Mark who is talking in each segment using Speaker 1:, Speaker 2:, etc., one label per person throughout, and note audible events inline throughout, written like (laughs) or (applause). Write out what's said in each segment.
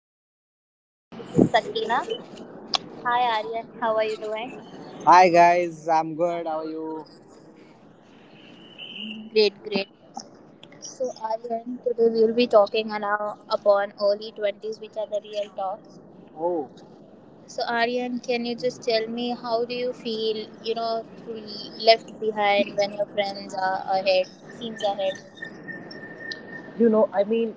Speaker 1: Channel. This is Sakina. Hi Aryan, how are you doing?
Speaker 2: Hi guys, I'm good. How are you?
Speaker 1: Great, great. So Aryan, today we will be talking now upon early 20s, the real talks.
Speaker 2: Oh,
Speaker 1: So Aryan, can you just tell me how do you feel, you know, to be left behind when your friends are ahead, teams ahead?
Speaker 2: you know, I mean,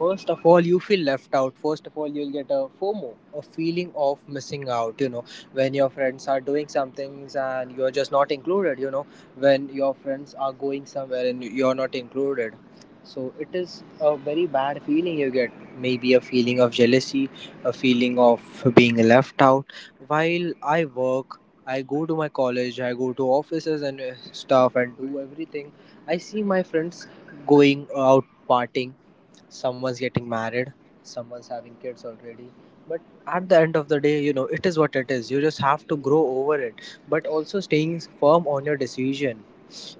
Speaker 2: first of all, you feel left out. First of all, you'll get a FOMO, a feeling of missing out. You know, when your friends are doing some things and you're just not included. You know, when your friends are going somewhere and you're not included. So it is a very bad feeling you get. Maybe a feeling of jealousy, a feeling of being left out. While I work, I go to my college, I go to offices and stuff and do everything. I see my friends going out partying, someone's getting married, someone's having kids already, but at the end of the day, you know, it is what it is. You just have to grow over it, but also staying firm on your decision.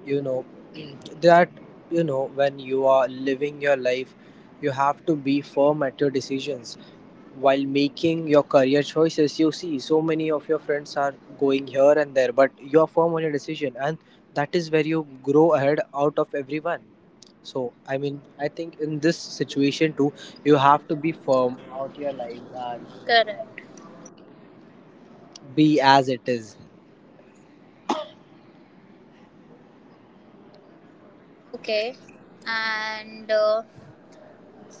Speaker 2: You know, (clears throat) that, you know, when you are living your life, you have to be firm at your decisions. While making your career choices, you see so many of your friends are going here and there, but you are firm on your decision, and that is where you grow ahead out of everyone. So I think in this situation too, you have to be firm out your life and
Speaker 1: Correct.
Speaker 2: be as it is.
Speaker 1: Okay. And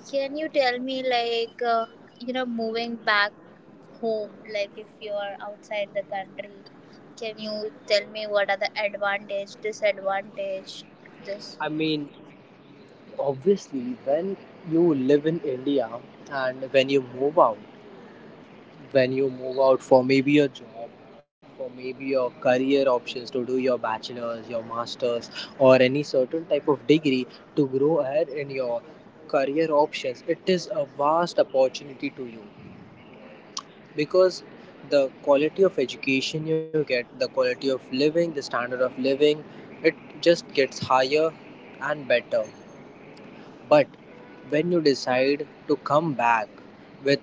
Speaker 1: Can you tell me, you know, moving back home, like if you are outside the country, can you tell me what are the advantage, disadvantage, this?
Speaker 2: I mean, obviously, when you live in India, and when you move out, for maybe a job, for maybe your career options, to do your bachelor's, your master's, or any certain type of degree, to grow ahead in your career options, it is a vast opportunity to you, because the quality of education you get, the quality of living, the standard of living, it just gets higher and better. But when you decide to come back with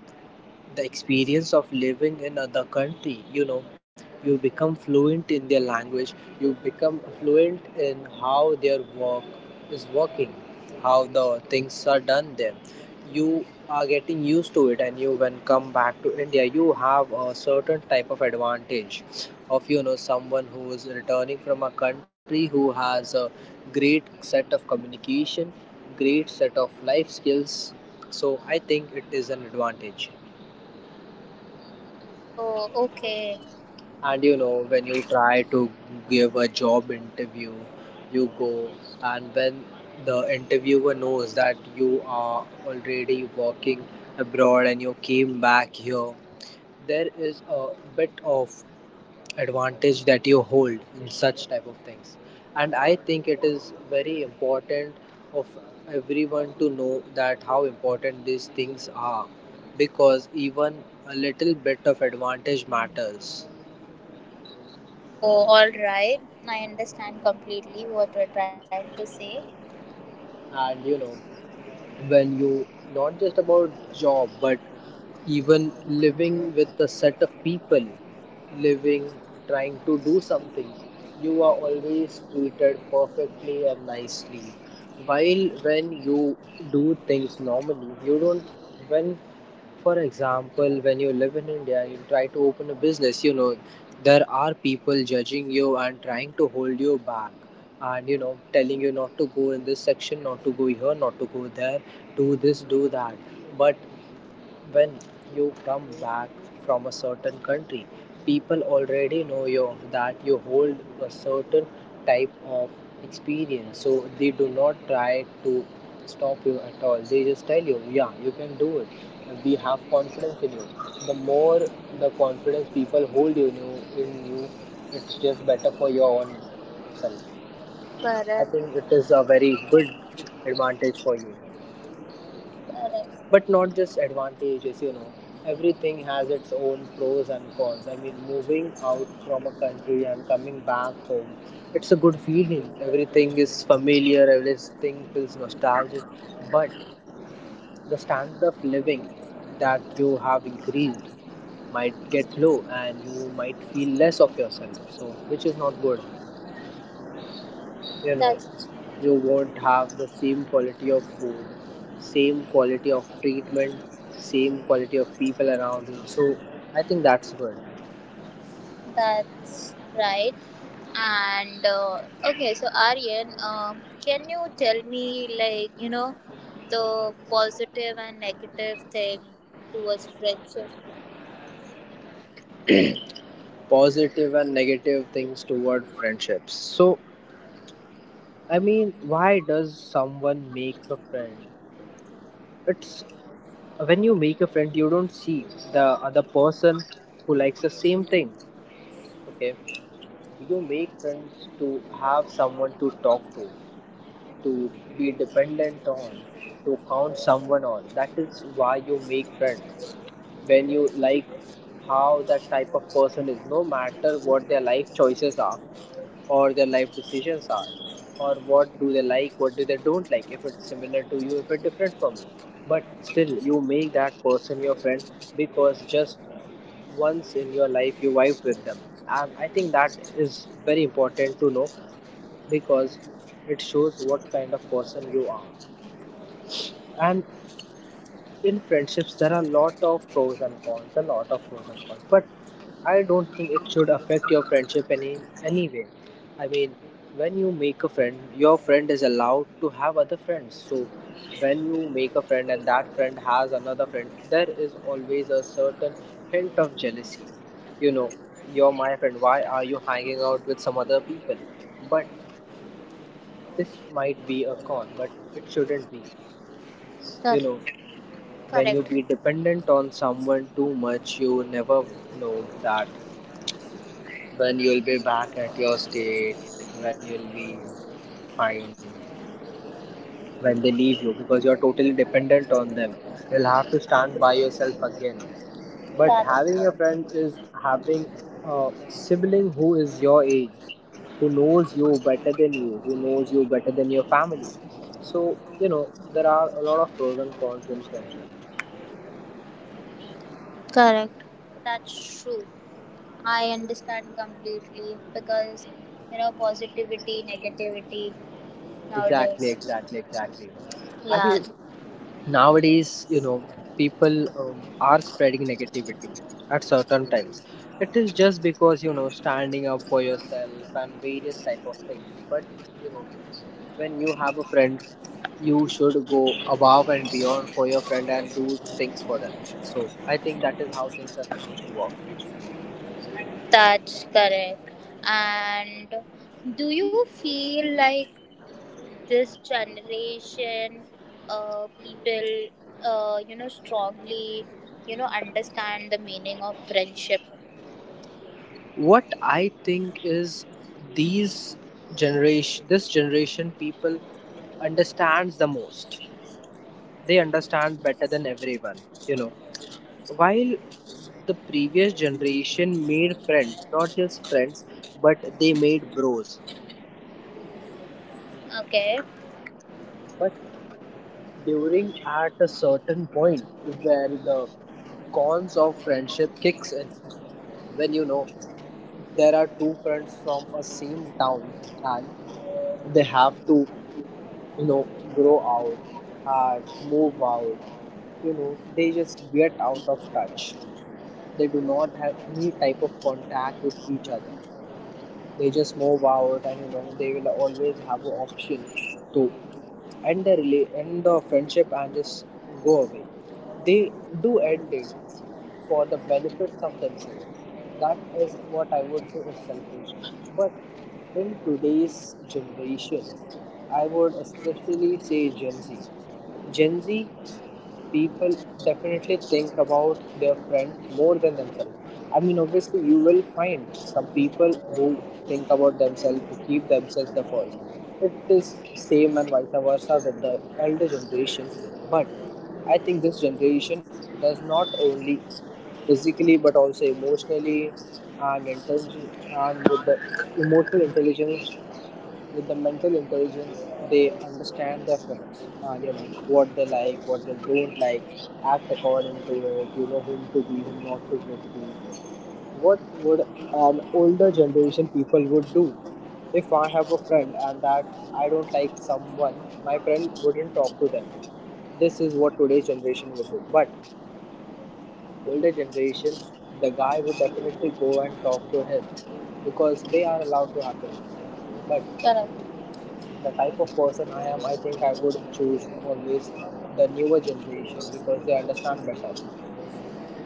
Speaker 2: the experience of living in other country, you know, you become fluent in their language, you become fluent in how their work is working, how the things are done there. You are getting used to it, and you, when come back to India, you have a certain type of advantage of, you know, someone who is returning from a country, who has a great set of communication, great set of life skills. So I think it is an advantage.
Speaker 1: Oh, okay.
Speaker 2: And you know, when you try to give a job interview, you go, and when the interviewer knows that you are already working abroad and you came back here, there is a bit of advantage that you hold in such type of things. And I think it is very important of everyone to know that how important these things are, because even a little bit of advantage matters.
Speaker 1: Oh, all right. I understand completely what you're trying to say.
Speaker 2: And you know, when you, not just about job, but even living with a set of people, living, trying to do something, you are always treated perfectly and nicely, while when you do things normally, you don't. When, for example, when you live in India, you try to open a business, you know, there are people judging you and trying to hold you back, and you know, telling you not to go in this section, not to go here, not to go there, do this, do that. But when you come back from a certain country, people already know you that you hold a certain type of experience. So they do not try to stop you at all. They just tell you, yeah, you can do it. We have confidence in you. The more the confidence people hold in you, it's just better for your own self. I
Speaker 1: Correct.
Speaker 2: think it is a very good advantage for you,
Speaker 1: Correct.
Speaker 2: but not just advantages, you know, everything has its own pros and cons. I mean, moving out from a country and coming back home, it's a good feeling, everything is familiar, everything feels nostalgic. But the standard of living that you have increased might get low, and you might feel less of yourself, so which is not good, you know.
Speaker 1: That's
Speaker 2: You won't have the same quality of food, same quality of treatment, same quality of people around you, so I think that's good.
Speaker 1: That's right. And okay, so Aryan, can you tell me, like, you know, the positive and negative thing towards friendship?
Speaker 2: Positive and negative things toward friendships. So I mean, why does someone make a friend? It's when you make a friend, you don't see the other person who likes the same thing. Okay, you make friends to have someone to talk to be dependent on, to count someone on. That is why you make friends, when you like how that type of person is, no matter what their life choices are, or their life decisions are, or what do they like, what do they don't like, if it's similar to you, if it's different from you, but still you make that person your friend, because just once in your life you vibed with them. And I think that is very important to know, because it shows what kind of person you are. And in friendships, there are a lot of pros and cons, a lot of pros and cons. But I don't think it should affect your friendship any way. I mean, when you make a friend, your friend is allowed to have other friends. So when you make a friend and that friend has another friend, there is always a certain hint of jealousy. You know, you're my friend. Why are you hanging out with some other people? But this might be a con, but it shouldn't be. You
Speaker 1: That's
Speaker 2: know, when you
Speaker 1: correct.
Speaker 2: be dependent on someone too much, you never know that when you'll be back at your state, when you'll be fine, when they leave you because you're totally dependent on them. You'll have to stand by yourself again. But having a
Speaker 1: That's
Speaker 2: friend is having a sibling who is your age, who knows you better than you, who knows you better than your family. So, you know, there are a lot of pros and cons in friendship.
Speaker 1: correct. That's true. I understand completely because, you know, positivity, negativity
Speaker 2: Exactly,
Speaker 1: nowadays.
Speaker 2: exactly, exactly. I
Speaker 1: Yeah,
Speaker 2: mean, nowadays, you know, people are spreading negativity at certain times. It is just because, you know, standing up for yourself and various type of things. But, you know, when you have a friend, you should go above and beyond for your friend and do things for them. So I think that is how things are supposed to work.
Speaker 1: that's correct. And do you feel like this generation people you know strongly, you know, understand the meaning of friendship?
Speaker 2: What I think is, these generation this generation people understands the most. They understand better than everyone, you know. While the previous generation made friends, not just friends, but they made bros.
Speaker 1: Okay.
Speaker 2: But during at a certain point where the cons of friendship kicks in, when you know there are two friends from a same town, and they have to, you know, grow out and move out, you know, they just get out of touch, they do not have any type of contact with each other, they just move out, and you know, they will always have an option to end the friendship and just go away. They do end it for the benefits of themselves. That is what I would say is selfish. But in today's generation, I would especially say Gen Z. Gen Z people definitely think about their friends more than themselves. I mean, obviously, you will find some people who think about themselves, who keep themselves the first. It is same and vice versa with the elder generation. But I think this generation does not only physically but also emotionally, and intention, and with the emotional intelligence, with the mental intelligence, they understand their friends, you know, what they like, what they don't like, act according to it, you know, whom to be, whom not to be. What would an older generation people would do? If I have a friend, and that I don't like someone, my friend wouldn't talk to them. This is what today's generation would do. But older generation, the guy would definitely go and talk to him, because they are allowed to have friends. But
Speaker 1: Correct.
Speaker 2: the type of person I am, I think I would choose always the newer generation, because they understand better.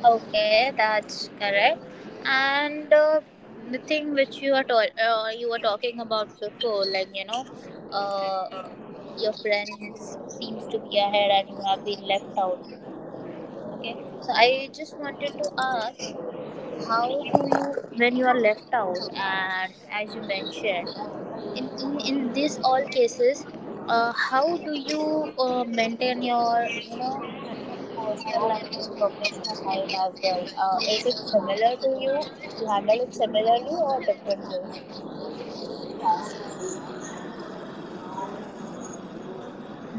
Speaker 1: Okay, that's correct. And the thing which you are you were talking about before, like, you know, uh, your friends seems to be ahead and you have been left out. Okay, so I just wanted to ask, how do you, when you are left out and as you mentioned in these all cases, how do you maintain your, you know, personal life and professional life as well? Is it similar to you, you handle it similarly or different ways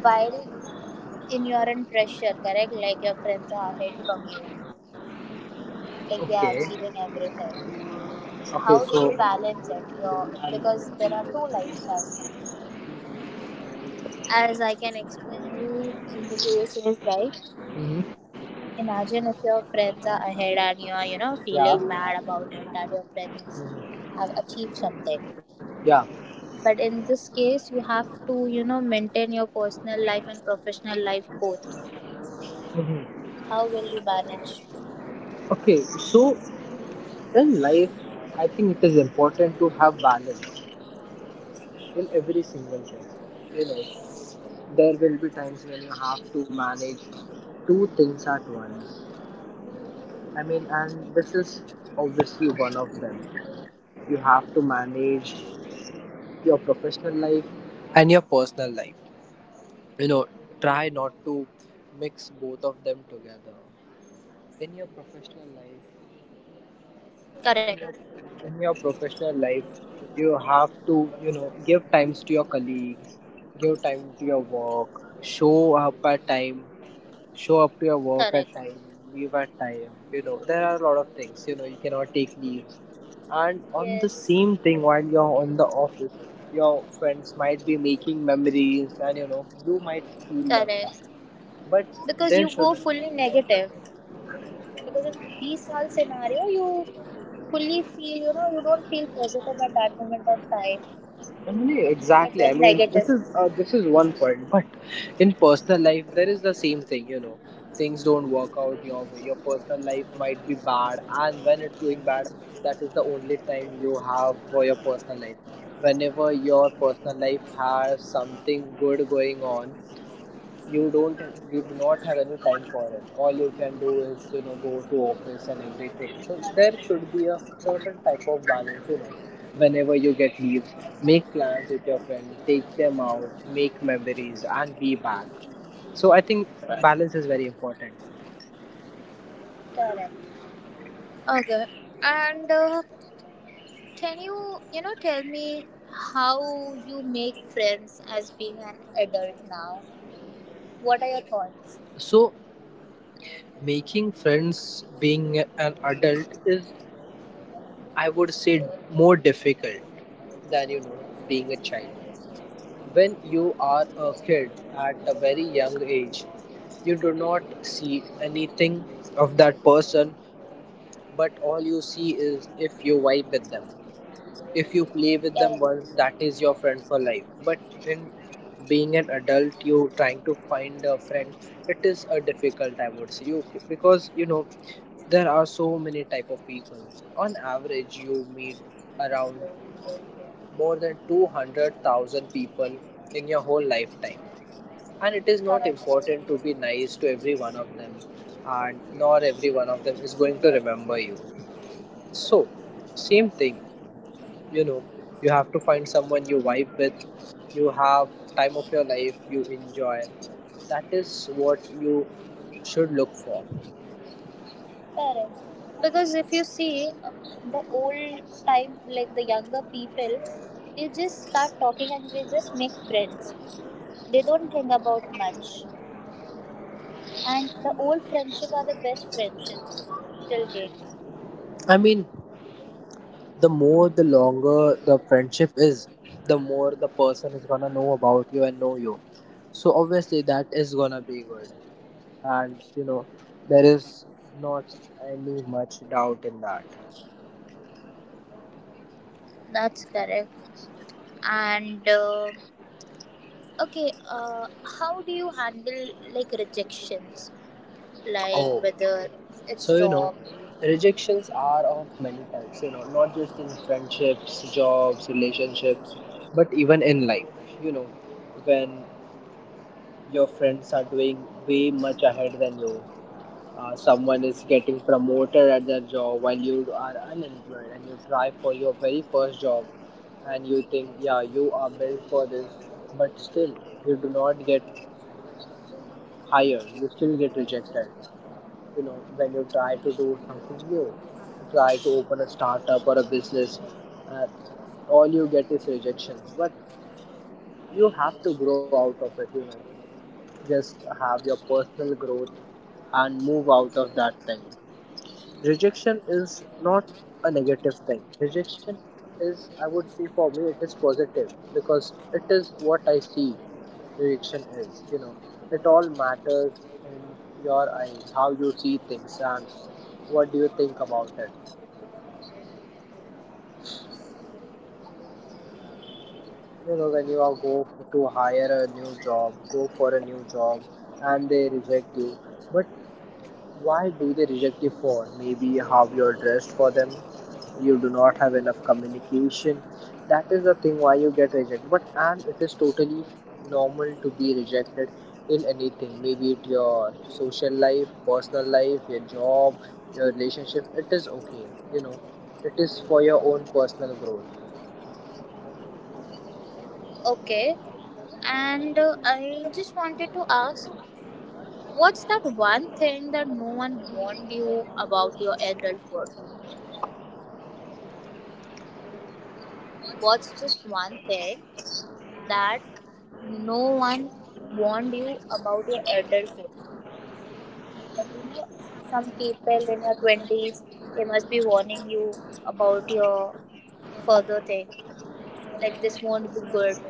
Speaker 1: while in your own pressure, correct, like your friends are ahead from you, like they
Speaker 2: Okay.
Speaker 1: are achieving everything, so
Speaker 2: Okay,
Speaker 1: how do
Speaker 2: so
Speaker 1: you balance it, your, because there are two lifestyles? As I can explain you in the case is like,
Speaker 2: hmm,
Speaker 1: imagine if your friends are ahead and you are, you know, feeling
Speaker 2: yeah,
Speaker 1: bad about it that your friends have
Speaker 2: mhm,
Speaker 1: achieved something.
Speaker 2: yeah.
Speaker 1: But in this case you have to, you know, maintain your personal life and professional life both.
Speaker 2: Hmm.
Speaker 1: How will you manage?
Speaker 2: Okay, so in life, I think it is important to have balance in every single thing. You know, there will be times when you have to manage two things at once. I mean, and this is obviously one of them. You have to manage your professional life and your personal life. You know, try not to mix both of them together. In your professional life,
Speaker 1: Correct.
Speaker 2: in your professional life, you have to, you know, give times to your colleagues, give time to your work, show up at time, show
Speaker 1: Correct.
Speaker 2: up to your work at time Leave at time, you know, there are a lot of things, you know, you cannot take leaves,
Speaker 1: Yes.
Speaker 2: and on the same thing, while you're on the office, your friends might be making memories, and you know, you might
Speaker 1: Correct.
Speaker 2: feel left out,
Speaker 1: Because you
Speaker 2: but
Speaker 1: go
Speaker 2: there
Speaker 1: fully
Speaker 2: should,
Speaker 1: negative. Because in these all scenario you fully feel, you know, you don't feel positive at that moment of time.
Speaker 2: no, no, no,
Speaker 1: You get very
Speaker 2: exactly. I
Speaker 1: negative.
Speaker 2: mean, this is this is one point, (laughs) but in personal life, there is the same thing. You know, things don't work out your way. Your personal life might be bad, and when it's going bad, that is the only time you have for your personal life. Whenever your personal life has something good going on, you don't you do not have any time for it. All you can do is, you know, go to office and everything. So there should be a certain type of balance, you know, whenever you get leaves, make plans with your friend, take them out, make memories, and be back. So I think balance is very important.
Speaker 1: Correct. Okay. And can you, you know, tell me how you make friends as being an adult now? What are your thoughts?
Speaker 2: So making friends being an adult is, I would say, more difficult than, you know, being a child. When you are a kid at a very young age, you do not see anything of that person, but all you see is if you vibe with them. If you play with
Speaker 1: Correct.
Speaker 2: them once, that is your friend for life. But in being an adult, you trying to find a friend, it is a difficult, I would say. You because, you know, there are so many type of people. On average, you meet around more than 200,000 people in your whole lifetime, and it is
Speaker 1: Correct.
Speaker 2: not important to be nice to every one of them, and nor every one of them is going to remember you. So, same thing, you know, you have to find someone you vibe with, you have time of your life you enjoy. That is what you should look for.
Speaker 1: Correct. Because if you see the old time, like the younger people, they just start talking and they just make friends. They don't think about much. And the old friendship are the best friendships till date.
Speaker 2: I mean, the more, the longer the friendship is, the more the person is gonna know about you and know you. So obviously that is gonna be good, and you know, there is not any much doubt in that.
Speaker 1: That's correct. And okay, how do you handle like rejections, like
Speaker 2: Oh,
Speaker 1: whether
Speaker 2: so
Speaker 1: it's
Speaker 2: you know,
Speaker 1: job?
Speaker 2: rejections are of many types, you know, not just in friendships, jobs, relationships, but even in life. You know, when your friends are doing way much ahead than you, someone is getting promoted at their job while you are unemployed and you try for your very first job, and you think yeah, you are built for this, but still you do not get higher, you still get rejected. You know, when you try to do something new, try to open a startup or a business, uh, all you get is rejections. But you have to grow out of it, you know, just have your personal growth and move out of that thing. Rejection is not a negative thing. Rejection is, I would say, for me it is positive, because it is what I see. Rejection is, you know, it all matters in your eyes, how you see things, and what do you think about it. You know, when you are go to hire a new job, go for a new job, and they reject you, but why do they reject you for? Maybe how you're dressed for them. You do not have enough communication. That is the thing why you get rejected. But and it is totally normal to be rejected in anything. Maybe it your social life, personal life, your job, your relationship. It is okay. You know, it is for your own personal growth.
Speaker 1: Okay, and I just wanted to ask, what's that one thing that no one warned you about your adulthood? What's just one thing that no one warned you about your adulthood? Like, you know, some people in your 20s, they must be warning you about your further thing, like this won't be good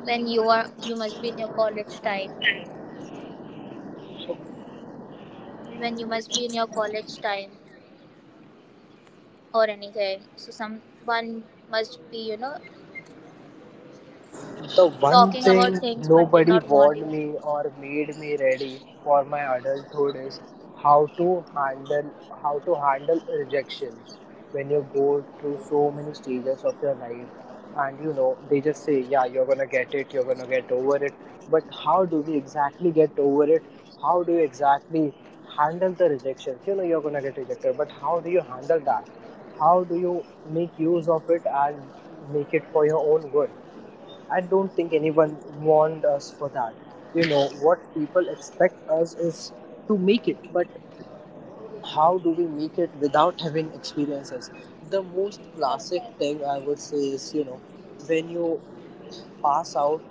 Speaker 1: when you are, you must be in your college time,
Speaker 2: So,
Speaker 1: when you must be in your college time or anything, so someone must be, you know,
Speaker 2: the one
Speaker 1: talking about
Speaker 2: thing
Speaker 1: things but did
Speaker 2: nobody
Speaker 1: not want
Speaker 2: warned
Speaker 1: you.
Speaker 2: me or made me ready for my adulthood is how to handle, how to handle rejections. When you go through so many stages of your life, and you know, they just say yeah, you're gonna get it, you're gonna get over it. But how do we exactly get over it? How do you exactly handle the rejections? You know, you're gonna get rejected, but how do you handle that? How do you make use of it and make it for your own good? I don't think anyone warned us for that. You know, what people expect us is to make it, but how do we make it without having experiences? The most classic
Speaker 1: Correct.
Speaker 2: thing I would say is, you know, when you pass out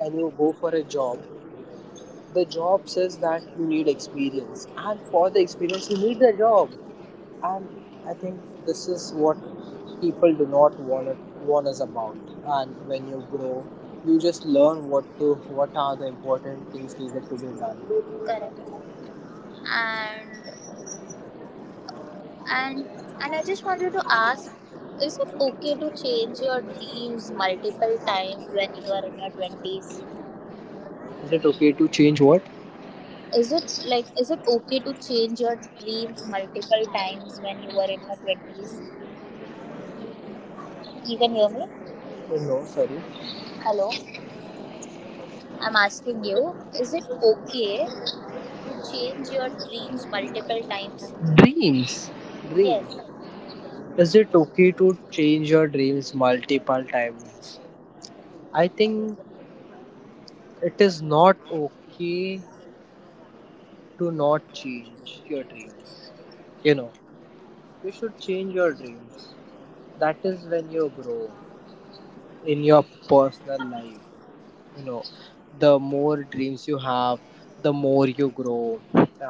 Speaker 2: and you go for a job, the job says that you need experience, and for the experience, you need the job. And I think this is what people do not want it, warn us about. And when you grow, you just learn what to, what are the important things needed to be done.
Speaker 1: Correct. and and and I just wanted to ask, is it okay to change your dreams multiple times when you are in your 20s?
Speaker 2: Is it okay to change what?
Speaker 1: Is it like, is it okay to change your dreams multiple times when you were in your 20s? You can hear me?
Speaker 2: Oh, no, sorry.
Speaker 1: Hello. I'm asking you, is it okay to change your dreams multiple times?
Speaker 2: Dreams,
Speaker 1: Yes.
Speaker 2: dreams. Is it okay to change your dreams multiple times? I think it is not okay to not change your dreams. You know, you should change your dreams. That is when you grow in your personal life. You know, the more dreams you have, the more you grow,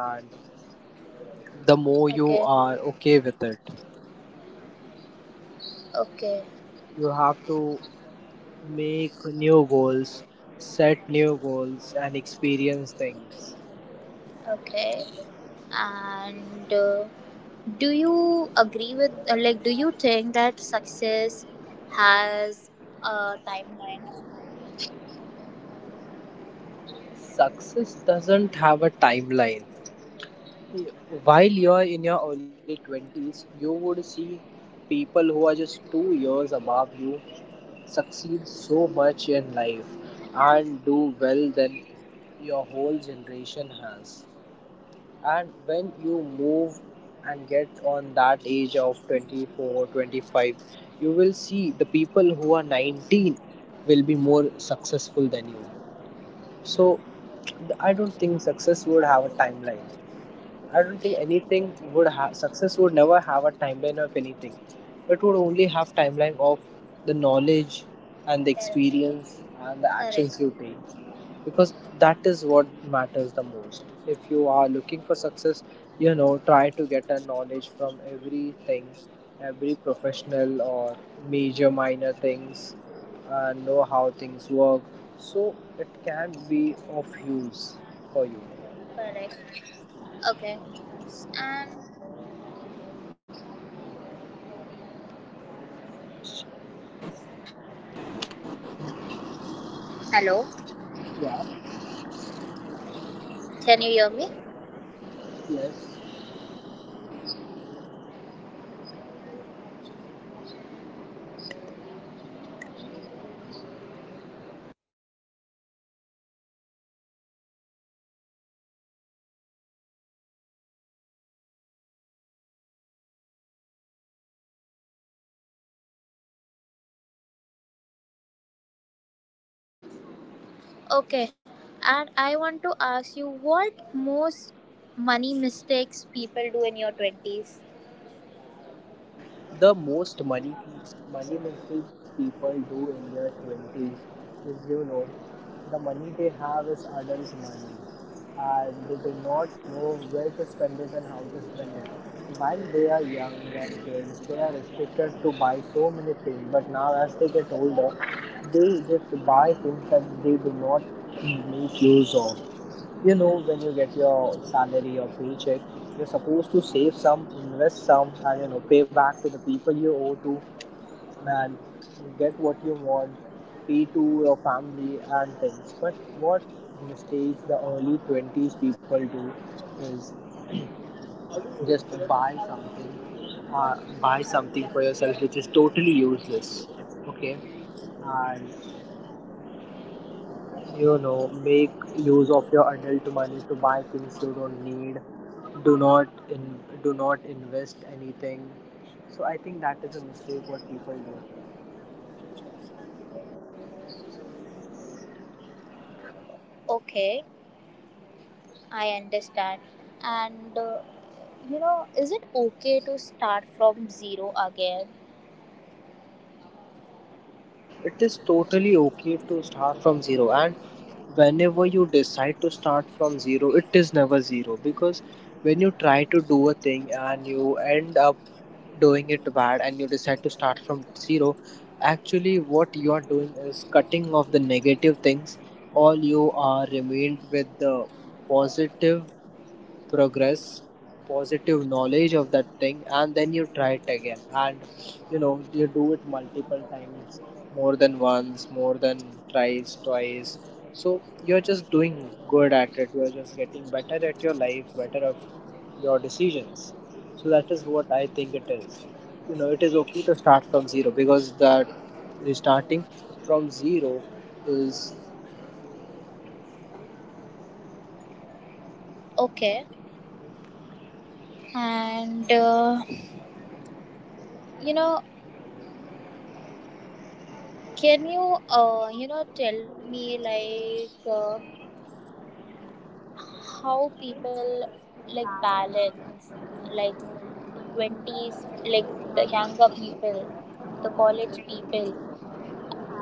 Speaker 2: and the more you
Speaker 1: Okay.
Speaker 2: are okay with it.
Speaker 1: Okay.
Speaker 2: You have to make new goals, set new goals, and experience things.
Speaker 1: Okay. And do you agree with like do you think that success has a timeline?
Speaker 2: Success doesn't have a timeline. While you're in your early 20s, you would see people who are just 2 years above you succeed so much in life and do well than your whole generation has. And when you move and get on that age of 24 25, you will see the people who are 19 will be more successful than you. So I don't think success would have a timeline. I don't think
Speaker 1: Okay.
Speaker 2: anything would have, success would never have a timeline of anything. It would only have timeline of the knowledge and the
Speaker 1: Correct.
Speaker 2: experience and the
Speaker 1: Correct.
Speaker 2: actions you take, because that is what matters the most. If you are looking for success, you know, try to get a knowledge from everything, every professional or major minor things, know how things work, so it can be of use for you.
Speaker 1: Correct. Okay. And hello,
Speaker 2: Yeah.
Speaker 1: can you hear me?
Speaker 2: Yes.
Speaker 1: Okay, and I want to ask you what most money mistakes people do in your 20s.
Speaker 2: The most money money mistakes people do in their twenties is, you know, the money they have is adult money, and they do not know where to spend it and how to spend it. While they are young and kids, they are restricted to buy so many things. But now as they get older, they just buy things that they do not make use of. You know, when you get your salary or paycheck, you're supposed to save some, invest some, and you know, pay back to the people you owe to, and get what you want, pay to your family and things. But what mistake the early 20s people do is just buy something, buy something for yourself which is totally useless. Okay. And you know, make use of your adult money to buy things you don't need, do not in do not invest anything. So I think that is a mistake what people do.
Speaker 1: Okay, I understand. And you know, is it okay to start from zero again?
Speaker 2: It is totally okay to start from zero. And whenever you decide to start from zero, it is never zero, because when you try to do a thing and you end up doing it bad and you decide to start from zero, actually what you are doing is cutting off the negative things. All you are remained with the positive progress, positive knowledge of that thing, and then you try it again. And you know, you do it multiple times, more than once, more than thrice, twice. So you're just doing good at it, you're just getting better at your life, better of your decisions. So that is what I think it is. You know, it is okay to start from zero because that restarting from zero is
Speaker 1: Okay. And you know, can you you know tell me like how people like balance, like the 20s, like the younger people, the college people,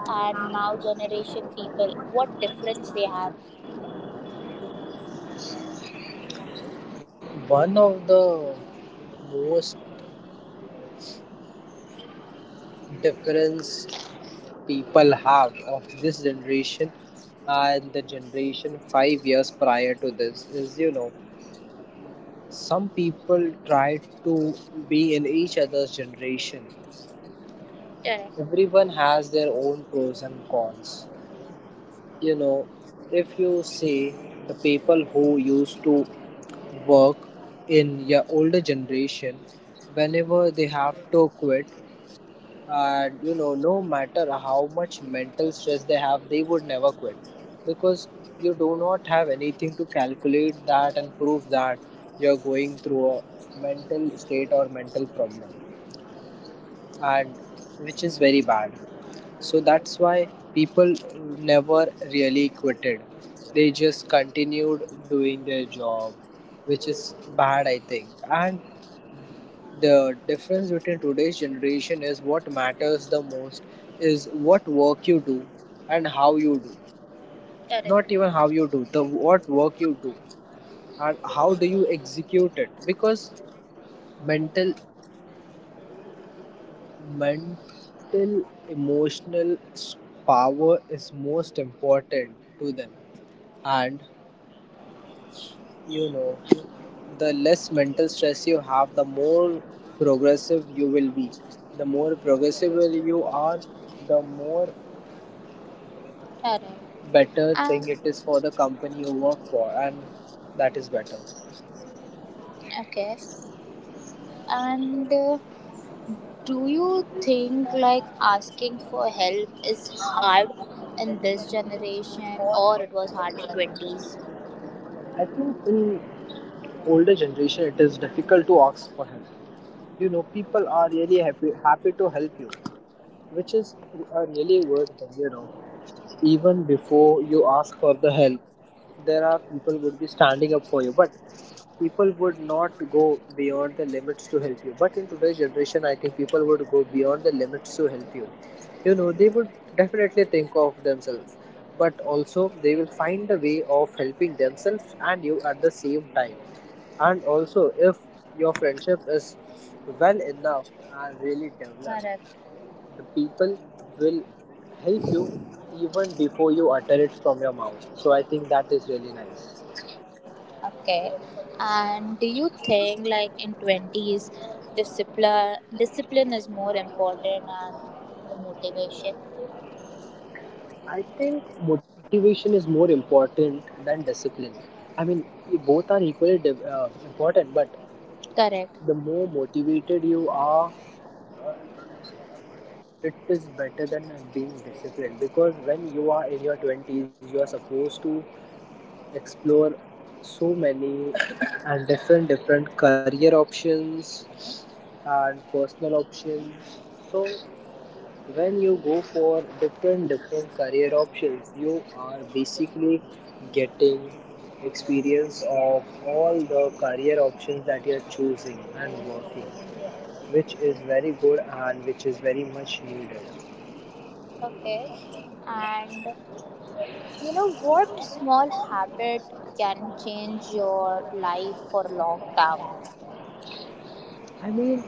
Speaker 1: and now generation people, what difference they have?
Speaker 2: one of the most difference people have of this generation and the generation 5 years prior to this is, you know, some people try to be in each other's generation.
Speaker 1: Correct.
Speaker 2: Everyone has their own pros and cons. You know, if you see the people who used to work in your older generation, whenever they have to quit, and you know, no matter how much mental stress they have, they would never quit, because you do not have anything to calculate that and prove that you're going through a mental state or mental problem. And which is very bad. So that's why people never really quitted, they just continued doing their job, which is bad, I think. And the difference between today's generation is what matters the most is what work you do and how you do.
Speaker 1: Correct.
Speaker 2: Not even how you do, the what work you do and how do you execute it. Because mental, mental, emotional power is most important to them. And you know, the less mental stress you have, the more progressive you will be. The more progressive will you are, the more
Speaker 1: Correct.
Speaker 2: better
Speaker 1: uh,
Speaker 2: thing it is for the company you work for, and that is better.
Speaker 1: okay, and do you think like asking for help is hard in this generation or it was hard in 20s?
Speaker 2: I think in older generation it is difficult to ask for help. You know, people are really happy to help you, which is a really good thing. You know, even before you ask for the help, there are people would be standing up for you, but people would not go beyond the limits to help you. But in today's generation, I think people would go beyond the limits to help you. You know, they would definitely think of themselves, but also they will find a way of helping themselves and you at the same time. And also if your friendship is well enough and really developed,
Speaker 1: Correct.
Speaker 2: the people will help you even before you utter it from your mouth. So I think that is really nice.
Speaker 1: Okay. And do you think like in twenties, discipline is more important and the motivation?
Speaker 2: I think motivation is more important than discipline. I mean, both are equally important, but
Speaker 1: Correct.
Speaker 2: the more motivated you are, it is better than being disciplined, because when you are in your 20s, you are supposed to explore so many and different different career options and personal options. So when you go for different different career options, you are basically getting experience of all the career options that you're choosing and working, which is very good and which is very much needed.
Speaker 1: Okay. And you know what small habit can change your life for long term?
Speaker 2: I mean,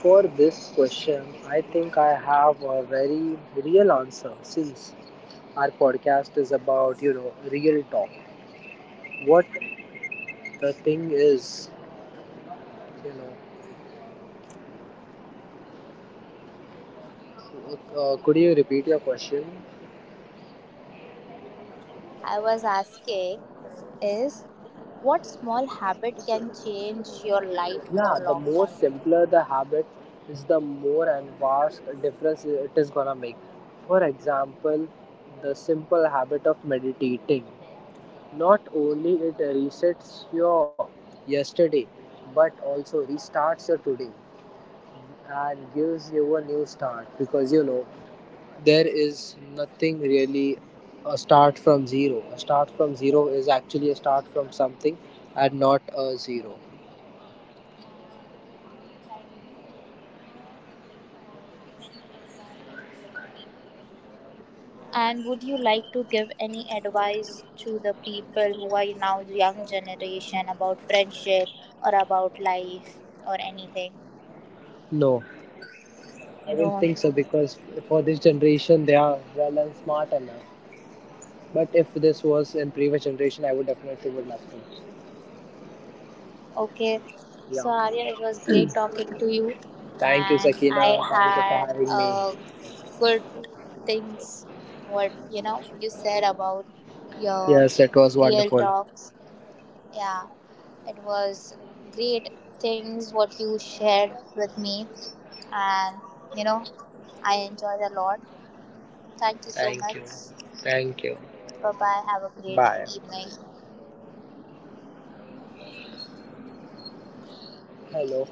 Speaker 2: for this question, I think I have a very real answer since our podcast is about, you know, real talk. What the thing is, you know, could you repeat your question?
Speaker 1: I was asking is what small habit can change your life for
Speaker 2: Yeah, the
Speaker 1: long
Speaker 2: more
Speaker 1: time?
Speaker 2: simpler the habit is, the more and vast difference it is gonna make. For example, the simple habit of meditating. Not only it resets your yesterday, but also restarts your today and gives you a new start, because you know, there is nothing really a start from zero. A start from zero is actually a start from something and not a zero.
Speaker 1: And would you like to give any advice to the people who are now young generation about friendship or about life or anything?
Speaker 2: No, I
Speaker 1: You
Speaker 2: don't
Speaker 1: know.
Speaker 2: think so, because for this generation they are well and smart enough. But if this was in previous generation, I would definitely would love to.
Speaker 1: Okay.
Speaker 2: Yeah.
Speaker 1: So Arya, it was great talking to you
Speaker 2: Thank you,
Speaker 1: and I
Speaker 2: Sakina. Thank you for
Speaker 1: had
Speaker 2: having me.
Speaker 1: good things what you know you said about your
Speaker 2: Yes, it was
Speaker 1: real
Speaker 2: wonderful.
Speaker 1: talks. Yeah. It was great things what you shared with me and, you know, I enjoyed a lot. Thank you so
Speaker 2: Thank you.
Speaker 1: much.
Speaker 2: Thank you.
Speaker 1: Bye bye. Have a great
Speaker 2: Bye.
Speaker 1: evening.
Speaker 2: Hello.